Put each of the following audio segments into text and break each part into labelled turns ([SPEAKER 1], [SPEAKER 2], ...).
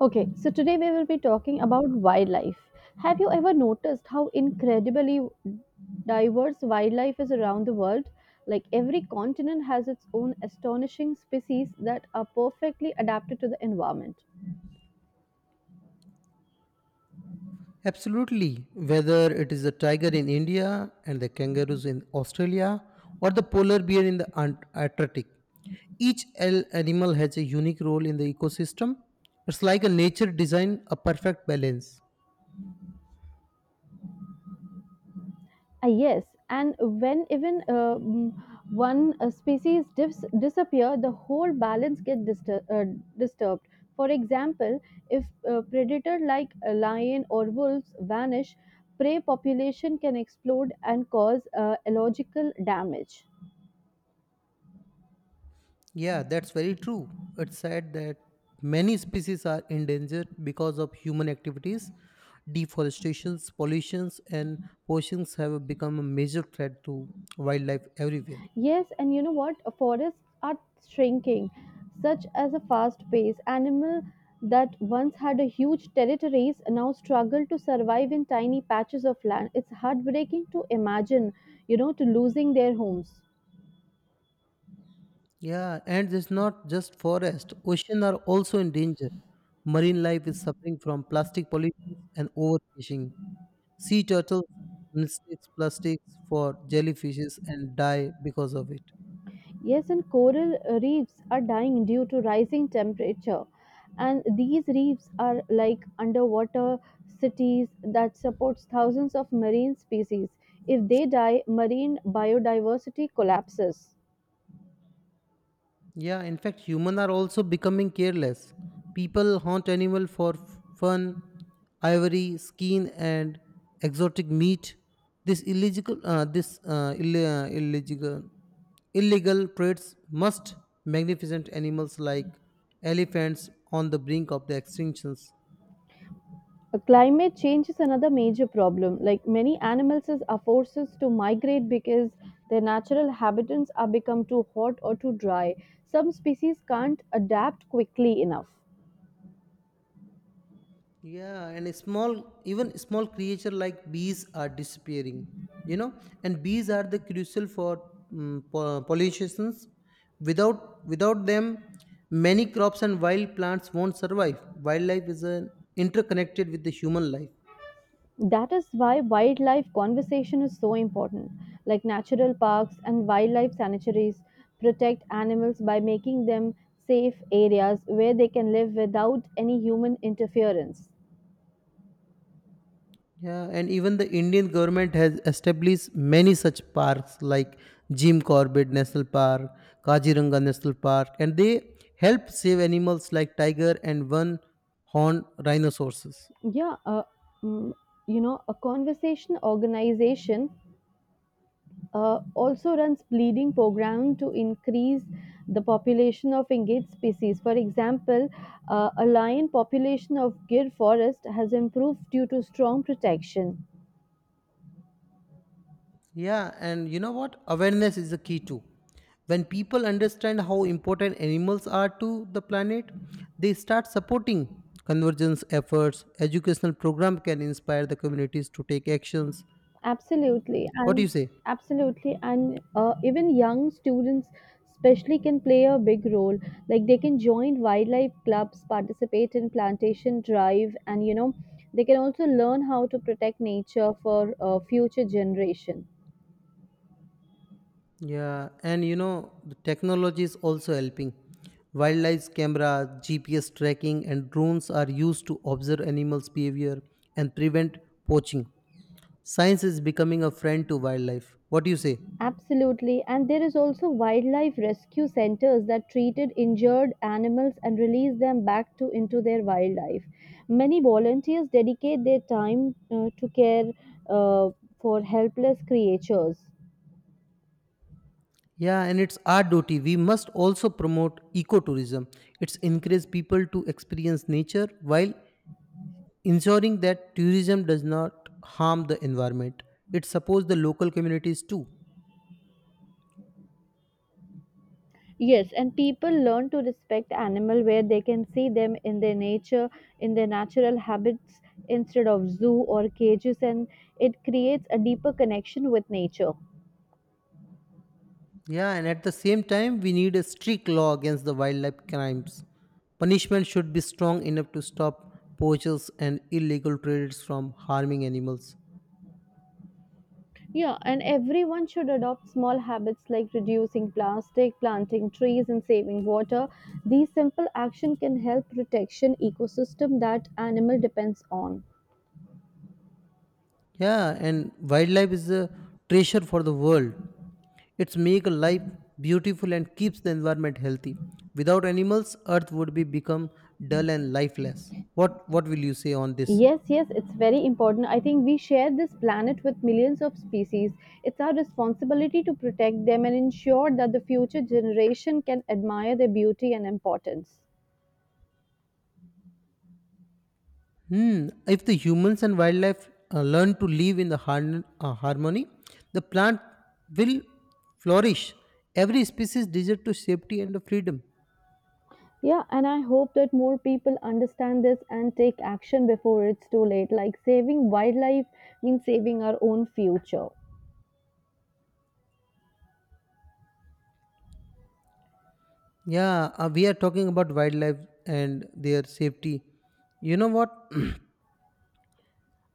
[SPEAKER 1] Okay, so today we will be talking about wildlife. Have you ever noticed how incredibly diverse wildlife is around the world? Like every continent has its own astonishing species that are perfectly adapted to the environment.
[SPEAKER 2] Absolutely. Whether it is the tiger in India and the kangaroos in Australia or the polar bear in the Antarctic, each animal has a unique role in the ecosystem. It's like a nature design, a perfect balance.
[SPEAKER 1] Ah, yes, and when even one species disappear, the whole balance get disturbed. For example, if predator like a lion or wolves vanish, prey population can explode and cause ecological damage.
[SPEAKER 2] Yeah, that's very true. It's said that many species are endangered because of human activities. Deforestations, pollutions, and poachings have become a major threat to wildlife everywhere.
[SPEAKER 1] Yes, and you know what? Forests are shrinking, such as a fast pace. Animal that once had a huge territories now struggle to survive in tiny patches of land. It's heartbreaking to imagine, to losing their homes.
[SPEAKER 2] Yeah, and it's not just forest. Oceans are also in danger. Marine life is suffering from plastic pollution and overfishing. Sea turtles mistakes plastics for jellyfishes and die because of it.
[SPEAKER 1] Yes, and coral reefs are dying due to rising temperature. And these reefs are like underwater cities that supports thousands of marine species. If they die, marine biodiversity collapses.
[SPEAKER 2] Yeah, in fact, humans are also becoming careless. People hunt animal for fun, ivory, skin, and exotic meat. This illegal, this Ill- illegal, Illegal trades must magnificent animals like elephants on the brink of the extinctions.
[SPEAKER 1] Climate change is another major problem. Like many animals are forced to migrate because their natural habitats are become too hot or too dry. Some species can't adapt quickly enough.
[SPEAKER 2] Yeah, and a small, even small creature like bees are disappearing. You know, and bees are the crucial for um, pollinations. Without them, many crops and wild plants won't survive. Wildlife is an interconnected with the human life.
[SPEAKER 1] That is why wildlife conservation is so important. Like natural parks and wildlife sanctuaries protect animals by making them safe areas where they can live without any human interference.
[SPEAKER 2] Yeah, and even the Indian government has established many such parks like Jim Corbett National Park, Kaziranga National Park, and they help save animals like tiger and one horned rhinoceroses.
[SPEAKER 1] Yeah, mm, you know, a conservation organization also runs breeding program to increase the population of endangered species. For example, a lion population of Gir forest has improved due to strong protection.
[SPEAKER 2] Yeah, and you know what? Awareness is the key too. When people understand how important animals are to the planet, they start supporting convergence efforts. Educational program can inspire the communities to take actions.
[SPEAKER 1] Absolutely,
[SPEAKER 2] What do
[SPEAKER 1] and
[SPEAKER 2] you say?
[SPEAKER 1] absolutely, and even young students especially can play a big role, like they can join wildlife clubs, participate in plantation drive, and you know they can also learn how to protect nature for future generation.
[SPEAKER 2] Yeah, and you know, the technology is also helping. Wildlife cameras, GPS tracking, and drones are used to observe animals' behavior and prevent poaching. Science is becoming a friend to wildlife. What do you say?
[SPEAKER 1] Absolutely, and there is also wildlife rescue centers that treated injured animals and release them back to into their wildlife. Many volunteers dedicate their time to care uh, for helpless creatures.
[SPEAKER 2] Yeah, and it's our duty. We must also promote ecotourism. It's encourage people to experience nature while ensuring that tourism does not harm the environment. It supports the local communities too.
[SPEAKER 1] Yes, and people learn to respect animal where they can see them in their nature, in their natural habits instead of zoo or cages, and it creates a deeper connection with nature.
[SPEAKER 2] Yeah, and at the same time, we need a strict law against the wildlife crimes. Punishment should be strong enough to stop poachers and illegal traders from harming animals.
[SPEAKER 1] Yeah, and everyone should adopt small habits like reducing plastic, planting trees, and saving water. These simple action can help protection ecosystem that animal depends on.
[SPEAKER 2] Yeah, and wildlife is a treasure for the world. It's make life beautiful and keeps the environment healthy. Without animals, earth would be become dull and lifeless. What will you say on this?
[SPEAKER 1] Yes, yes, it's very important. I think we share this planet with millions of species. It's our responsibility to protect them and ensure that the future generation can admire their beauty and importance.
[SPEAKER 2] Hmm. If the humans and wildlife learn to live in the harmony, the plant will flourish. Every species desire to safety and freedom.
[SPEAKER 1] Yeah, and I hope that more people understand this and take action before it's too late. Like saving wildlife means saving our own future.
[SPEAKER 2] Yeah, we are talking about wildlife and their safety. You know what?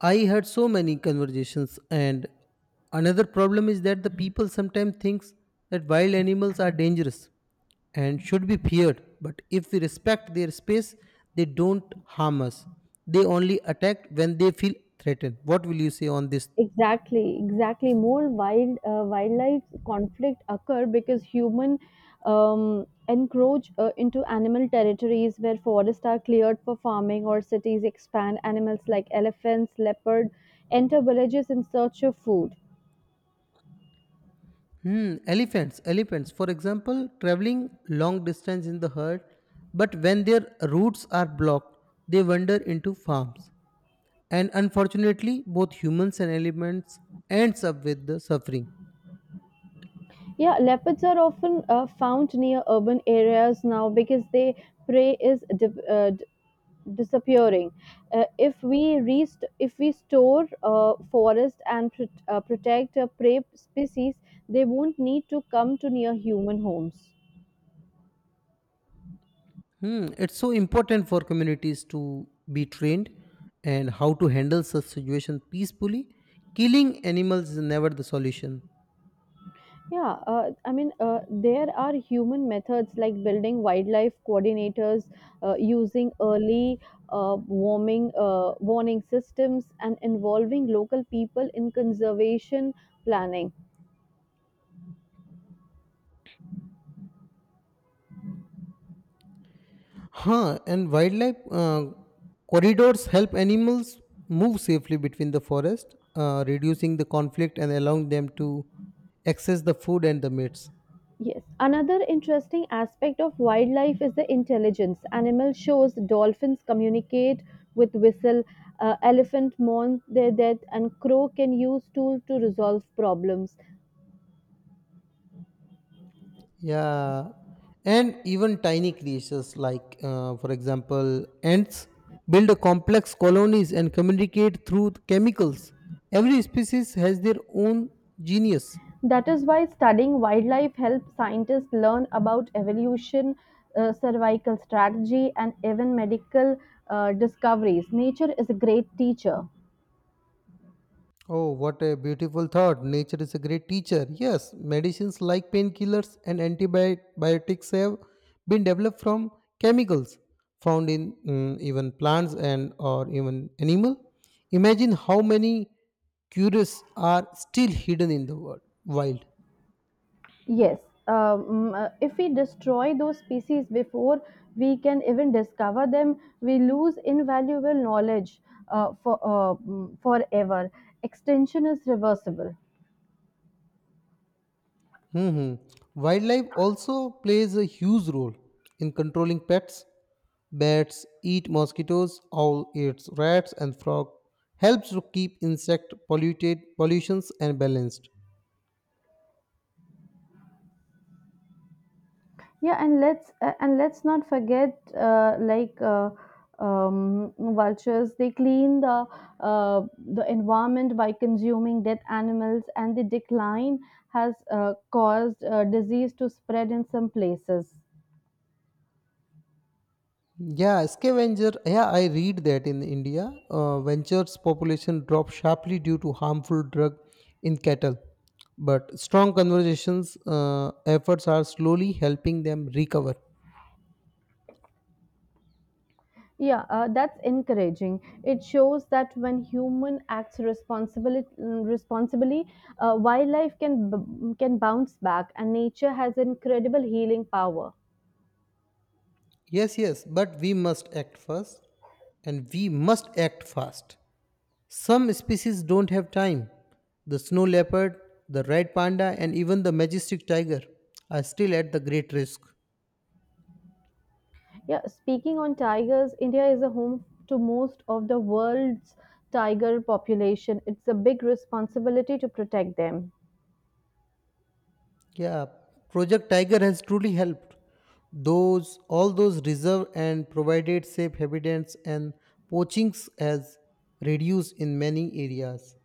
[SPEAKER 2] I had so many conversations, and another problem is that the people sometimes thinks that wild animals are dangerous and should be feared. But if we respect their space, they don't harm us. They only attack when they feel threatened. What will you say on this?
[SPEAKER 1] Exactly, exactly. More wildlife conflict occur because human encroach into animal territories where forests are cleared for farming or cities expand. Animals like elephants, leopard enter villages in search of food.
[SPEAKER 2] Hmm. Elephants, for example, traveling long distance in the herd. But when their routes are blocked, they wander into farms, and unfortunately both humans and elements ends up with the suffering.
[SPEAKER 1] Yeah, leopards are often found near urban areas now because their prey is disappearing. If we store forest and protect prey species, they won't need to come to near human homes.
[SPEAKER 2] Hmm, it's so important for communities to be trained and how to handle such situations peacefully. Killing animals is never the solution.
[SPEAKER 1] Yeah, I mean, there are human methods like building wildlife coordinators, using early warming warning systems, and involving local people in conservation planning.
[SPEAKER 2] Huh, and wildlife corridors help animals move safely between the forest, reducing the conflict and allowing them to access the food and the mates.
[SPEAKER 1] Yes, another interesting aspect of wildlife is the intelligence. Animal shows dolphins communicate with whistle, elephant mourn their death, and crow can use tool to resolve problems.
[SPEAKER 2] Yeah, and even tiny creatures like, for example, ants build a complex colonies and communicate through chemicals. Every species has their own genius.
[SPEAKER 1] That is why studying wildlife helps scientists learn about evolution, survival strategy, and even medical discoveries. Nature is a great teacher.
[SPEAKER 2] Oh, what a beautiful thought. Nature is a great teacher. Yes, medicines like painkillers and antibiotics have been developed from chemicals found in even plants and or even animal. Imagine how many cures are still hidden in the world, wild.
[SPEAKER 1] Yes, if we destroy those species before we can even discover them, we lose invaluable knowledge forever. Extinction is reversible.
[SPEAKER 2] Hmm. Wildlife also plays a huge role in controlling pets. Bats eat mosquitoes, owl eats rats, and frog helps to keep insect polluted pollutions and balanced.
[SPEAKER 1] Yeah, and let's not forget vultures. They clean uh, the environment by consuming dead animals, and the decline has caused disease to spread in some places.
[SPEAKER 2] Yeah, scavenger. Yeah, I read that in India, ventures population dropped sharply due to harmful drug in cattle. But strong conversations efforts are slowly helping them recover.
[SPEAKER 1] Yeah, that's encouraging. It shows that when human acts responsibly, responsibly, wildlife can bounce back, and nature has incredible healing power.
[SPEAKER 2] Yes, yes, but we must act first and we must act fast. Some species don't have time. The snow leopard, the red panda, and even the majestic tiger are still at the great risk.
[SPEAKER 1] Yeah, speaking on tigers, India is a home to most of the world's tiger population. It's a big responsibility to protect them.
[SPEAKER 2] Yeah, Project Tiger has truly helped. Those all those reserve and provided safe habitats, and poachings has reduced in many areas.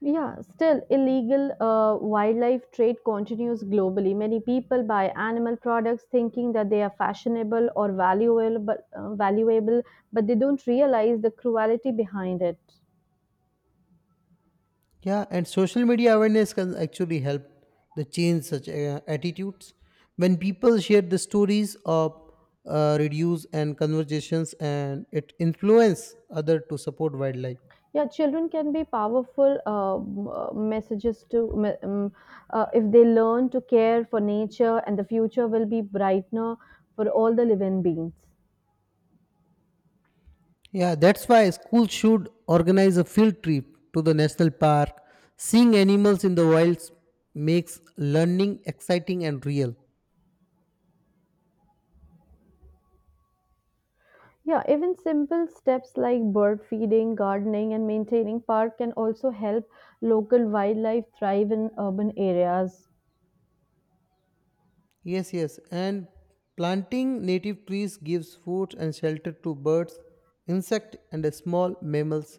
[SPEAKER 1] Yeah, still, illegal wildlife trade continues globally. Many people buy animal products thinking that they are fashionable or valuable, but valuable, but they don't realize the cruelty behind it.
[SPEAKER 2] Yeah, and social media awareness can actually help the change such attitudes. When people share the stories of reviews and conversations, and it influence other to support wildlife.
[SPEAKER 1] Yeah, children can be powerful if they learn to care for nature, and the future will be brighter for all the living beings.
[SPEAKER 2] Yeah, that's why schools should organize a field trip to the national park. Seeing animals in the wilds makes learning exciting and real.
[SPEAKER 1] Yeah, even simple steps like bird feeding, gardening, and maintaining park can also help local wildlife thrive in urban areas.
[SPEAKER 2] Yes, yes. And planting native trees gives food and shelter to birds, insect, and small mammals.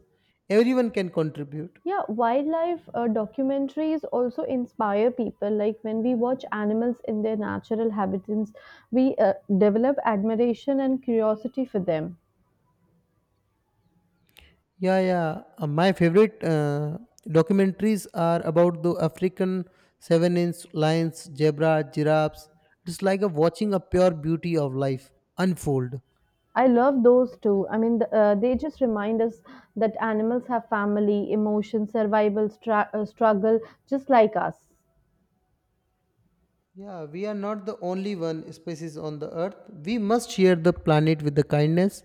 [SPEAKER 2] Everyone can contribute.
[SPEAKER 1] Yeah, wildlife documentaries also inspire people. Like when we watch animals in their natural habitats, we develop admiration and curiosity for them.
[SPEAKER 2] Yeah, yeah. My favorite documentaries are about the African seven-inch lions, zebra, giraffes. It's like a watching a pure beauty of life unfold.
[SPEAKER 1] I love those too. I mean, they just remind us that animals have family, emotion, survival, struggle, just like us.
[SPEAKER 2] Yeah, we are not the only one species on the earth. We must share the planet with the kindness,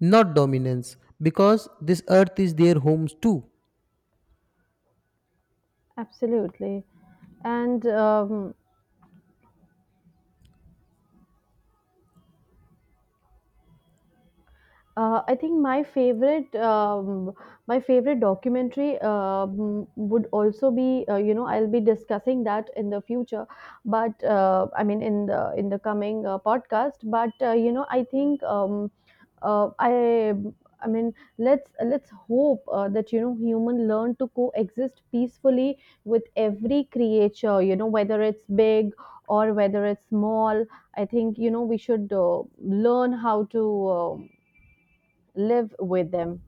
[SPEAKER 2] not dominance, because this earth is their homes too.
[SPEAKER 1] Absolutely. And I think my favorite documentary would also be, you know, I'll be discussing that in the future, but I mean in the coming podcast. But you know, I think uh, I I mean, let's hope that you know human learn to coexist peacefully with every creature. You know, whether it's big or whether it's small. I think you know we should learn how to. Live with them.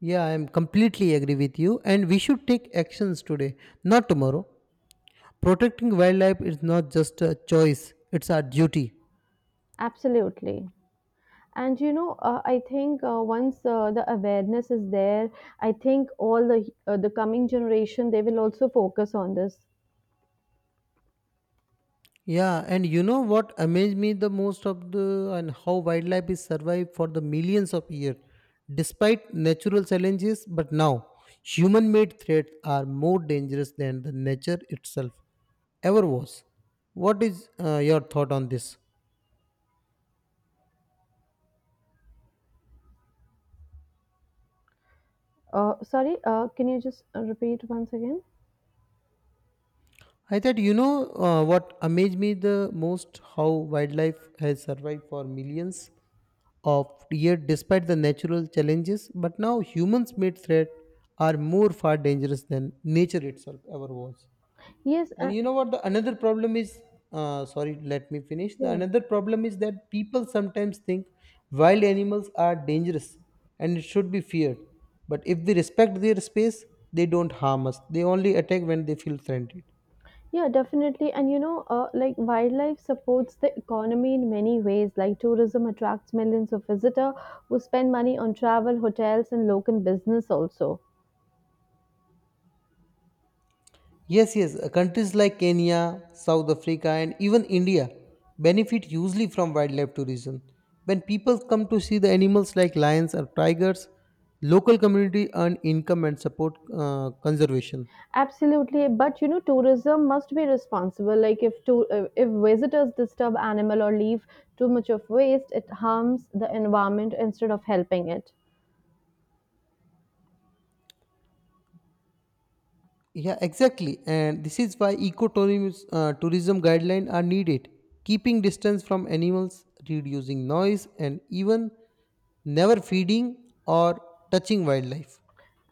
[SPEAKER 2] Yeah, I am completely agree with you, and we should take actions today, not tomorrow. Protecting wildlife is not just a choice, it's our duty.
[SPEAKER 1] Absolutely, and you know, I think once the awareness is there, I think all the coming generation, they will also focus on this.
[SPEAKER 2] Yeah, and you know what amazed me the most of the, and how wildlife is survived for the millions of years, despite natural challenges. But now, human-made threats are more dangerous than the nature itself ever was. What is your thought on this?
[SPEAKER 1] Sorry, can you just repeat once again?
[SPEAKER 2] I thought you know what amazed me the most how wildlife has survived for millions of years despite the natural challenges, but now humans made threats are more far dangerous than nature itself ever was.
[SPEAKER 1] Yes,
[SPEAKER 2] And you know what the another problem is, sorry, let me finish. The
[SPEAKER 1] yeah.
[SPEAKER 2] another problem is that people sometimes think wild animals are dangerous and it should be feared. But if they respect their space, they don't harm us. They only attack when they feel threatened.
[SPEAKER 1] Yeah, definitely, and you know, like wildlife supports the economy in many ways, like tourism attracts millions of visitors who spend money on travel, hotels, and local business also.
[SPEAKER 2] Yes, yes. Countries like Kenya, South Africa, and even India benefit hugely from wildlife tourism. When people come to see the animals like lions or tigers, local community earn income and support conservation.
[SPEAKER 1] Absolutely, but you know, tourism must be responsible. Like if visitors disturb animal or leave too much of waste, it harms the environment instead of helping it.
[SPEAKER 2] Yeah, exactly. And this is why ecotourism tourism guidelines are needed. Keeping distance from animals, reducing noise, and even never feeding or touching wildlife.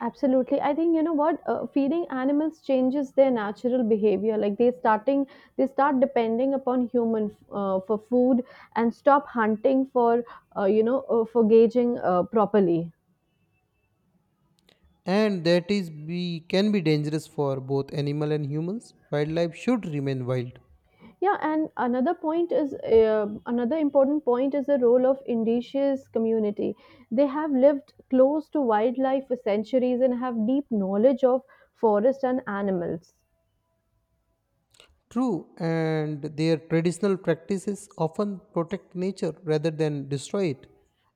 [SPEAKER 1] Absolutely, I think you know what, feeding animals changes their natural behavior. Like they starting they start depending upon human for food and stop hunting for for gauging properly.
[SPEAKER 2] And that is be can be dangerous for both animal and humans. Wildlife should remain wild.
[SPEAKER 1] Yeah, and another important point is the role of indigenous community. They have lived close to wildlife for centuries and have deep knowledge of forest and animals.
[SPEAKER 2] True, and their traditional practices often protect nature rather than destroy it,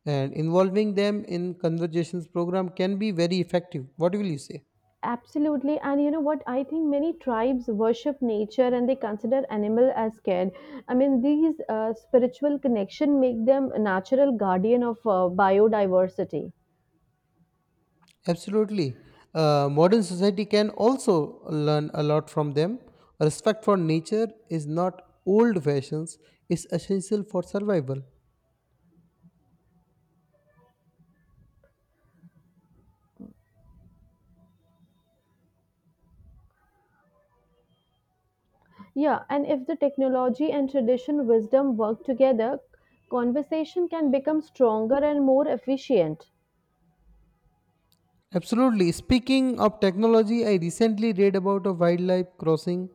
[SPEAKER 2] and involving them in conversations program can be very effective. What will you say?
[SPEAKER 1] Absolutely, and you know what? I think many tribes worship nature and they consider animal as scared. I mean, these spiritual connection make them a natural guardian of biodiversity.
[SPEAKER 2] Absolutely. Modern society can also learn a lot from them. Respect for nature is not old fashions, it's essential for survival.
[SPEAKER 1] Yeah, and if the technology and tradition wisdom work together, conversation can become stronger and more efficient.
[SPEAKER 2] Absolutely. Speaking of technology, I recently read about a wildlife crossing,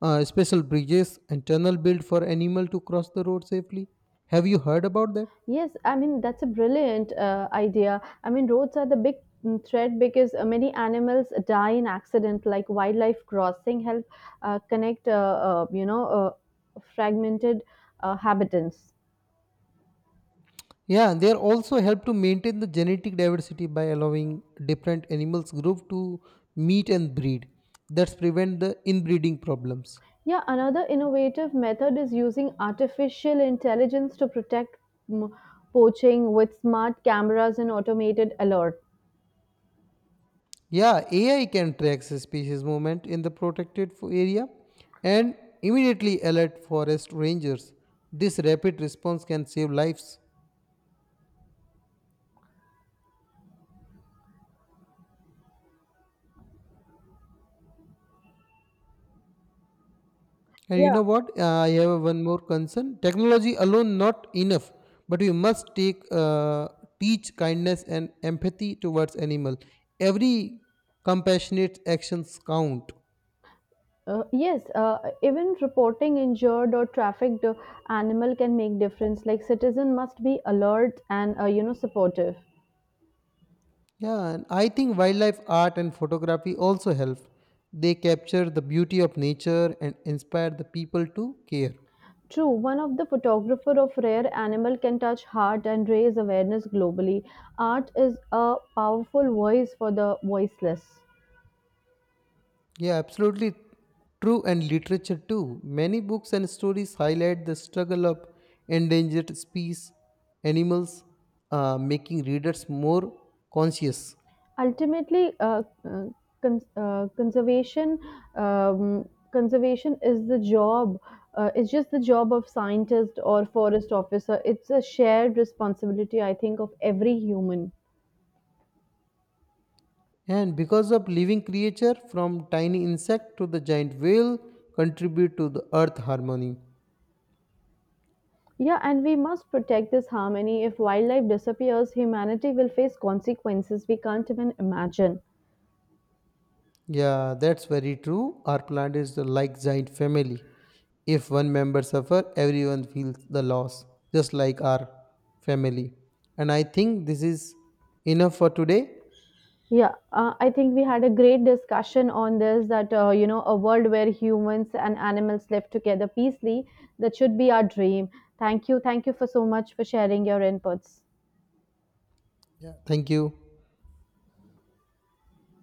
[SPEAKER 2] special bridges and tunnel built for animal to cross the road safely. Have you heard about that?
[SPEAKER 1] Yes, I mean, that's a brilliant idea. I mean, roads are the big threat because many animals die in accident, like wildlife crossing help connect, fragmented habitants.
[SPEAKER 2] Yeah, they are also help to maintain the genetic diversity by allowing different animals group to meet and breed. That's prevent the inbreeding problems.
[SPEAKER 1] Yeah, another innovative method is using artificial intelligence to protect mm, poaching with smart cameras and automated alerts.
[SPEAKER 2] Yeah, AI can track species movement in the protected area and immediately alert forest rangers. This rapid response can save lives. And you
[SPEAKER 1] Yeah,
[SPEAKER 2] know what? I have one more concern. Technology alone not enough, but we must take teach kindness and empathy towards animal. Every compassionate actions count.
[SPEAKER 1] yes. Even reporting injured or trafficked animal can make difference. Like citizen must be alert and you know supportive.
[SPEAKER 2] Yeah, and I think wildlife art and photography also help. They capture the beauty of nature and inspire the people to care.
[SPEAKER 1] True, one of the photographer of rare animal can touch heart and raise awareness globally. Art is a powerful voice for the voiceless.
[SPEAKER 2] Yeah, absolutely true. And literature too. Many books and stories highlight the struggle of endangered species, animals, making readers more conscious.
[SPEAKER 1] Ultimately, cons- uh, conservation conservation is the job. It's just the job of scientist or forest officer. It's a shared responsibility, I think, of every human.
[SPEAKER 2] And because of living creature, from tiny insect to the giant whale, contribute to the earth harmony.
[SPEAKER 1] Yeah, and we must protect this harmony. If wildlife disappears, humanity will face consequences we can't even imagine.
[SPEAKER 2] Yeah, that's very true. Our plant is like giant family. If one member suffer, everyone feels the loss, just like our family. And I think this is enough for today.
[SPEAKER 1] Yeah, I think we had a great discussion on this that, you know, a world where humans and animals live together peacefully, that should be our dream. Thank you. Thank you for so much for sharing your inputs.
[SPEAKER 2] Yeah. Thank you.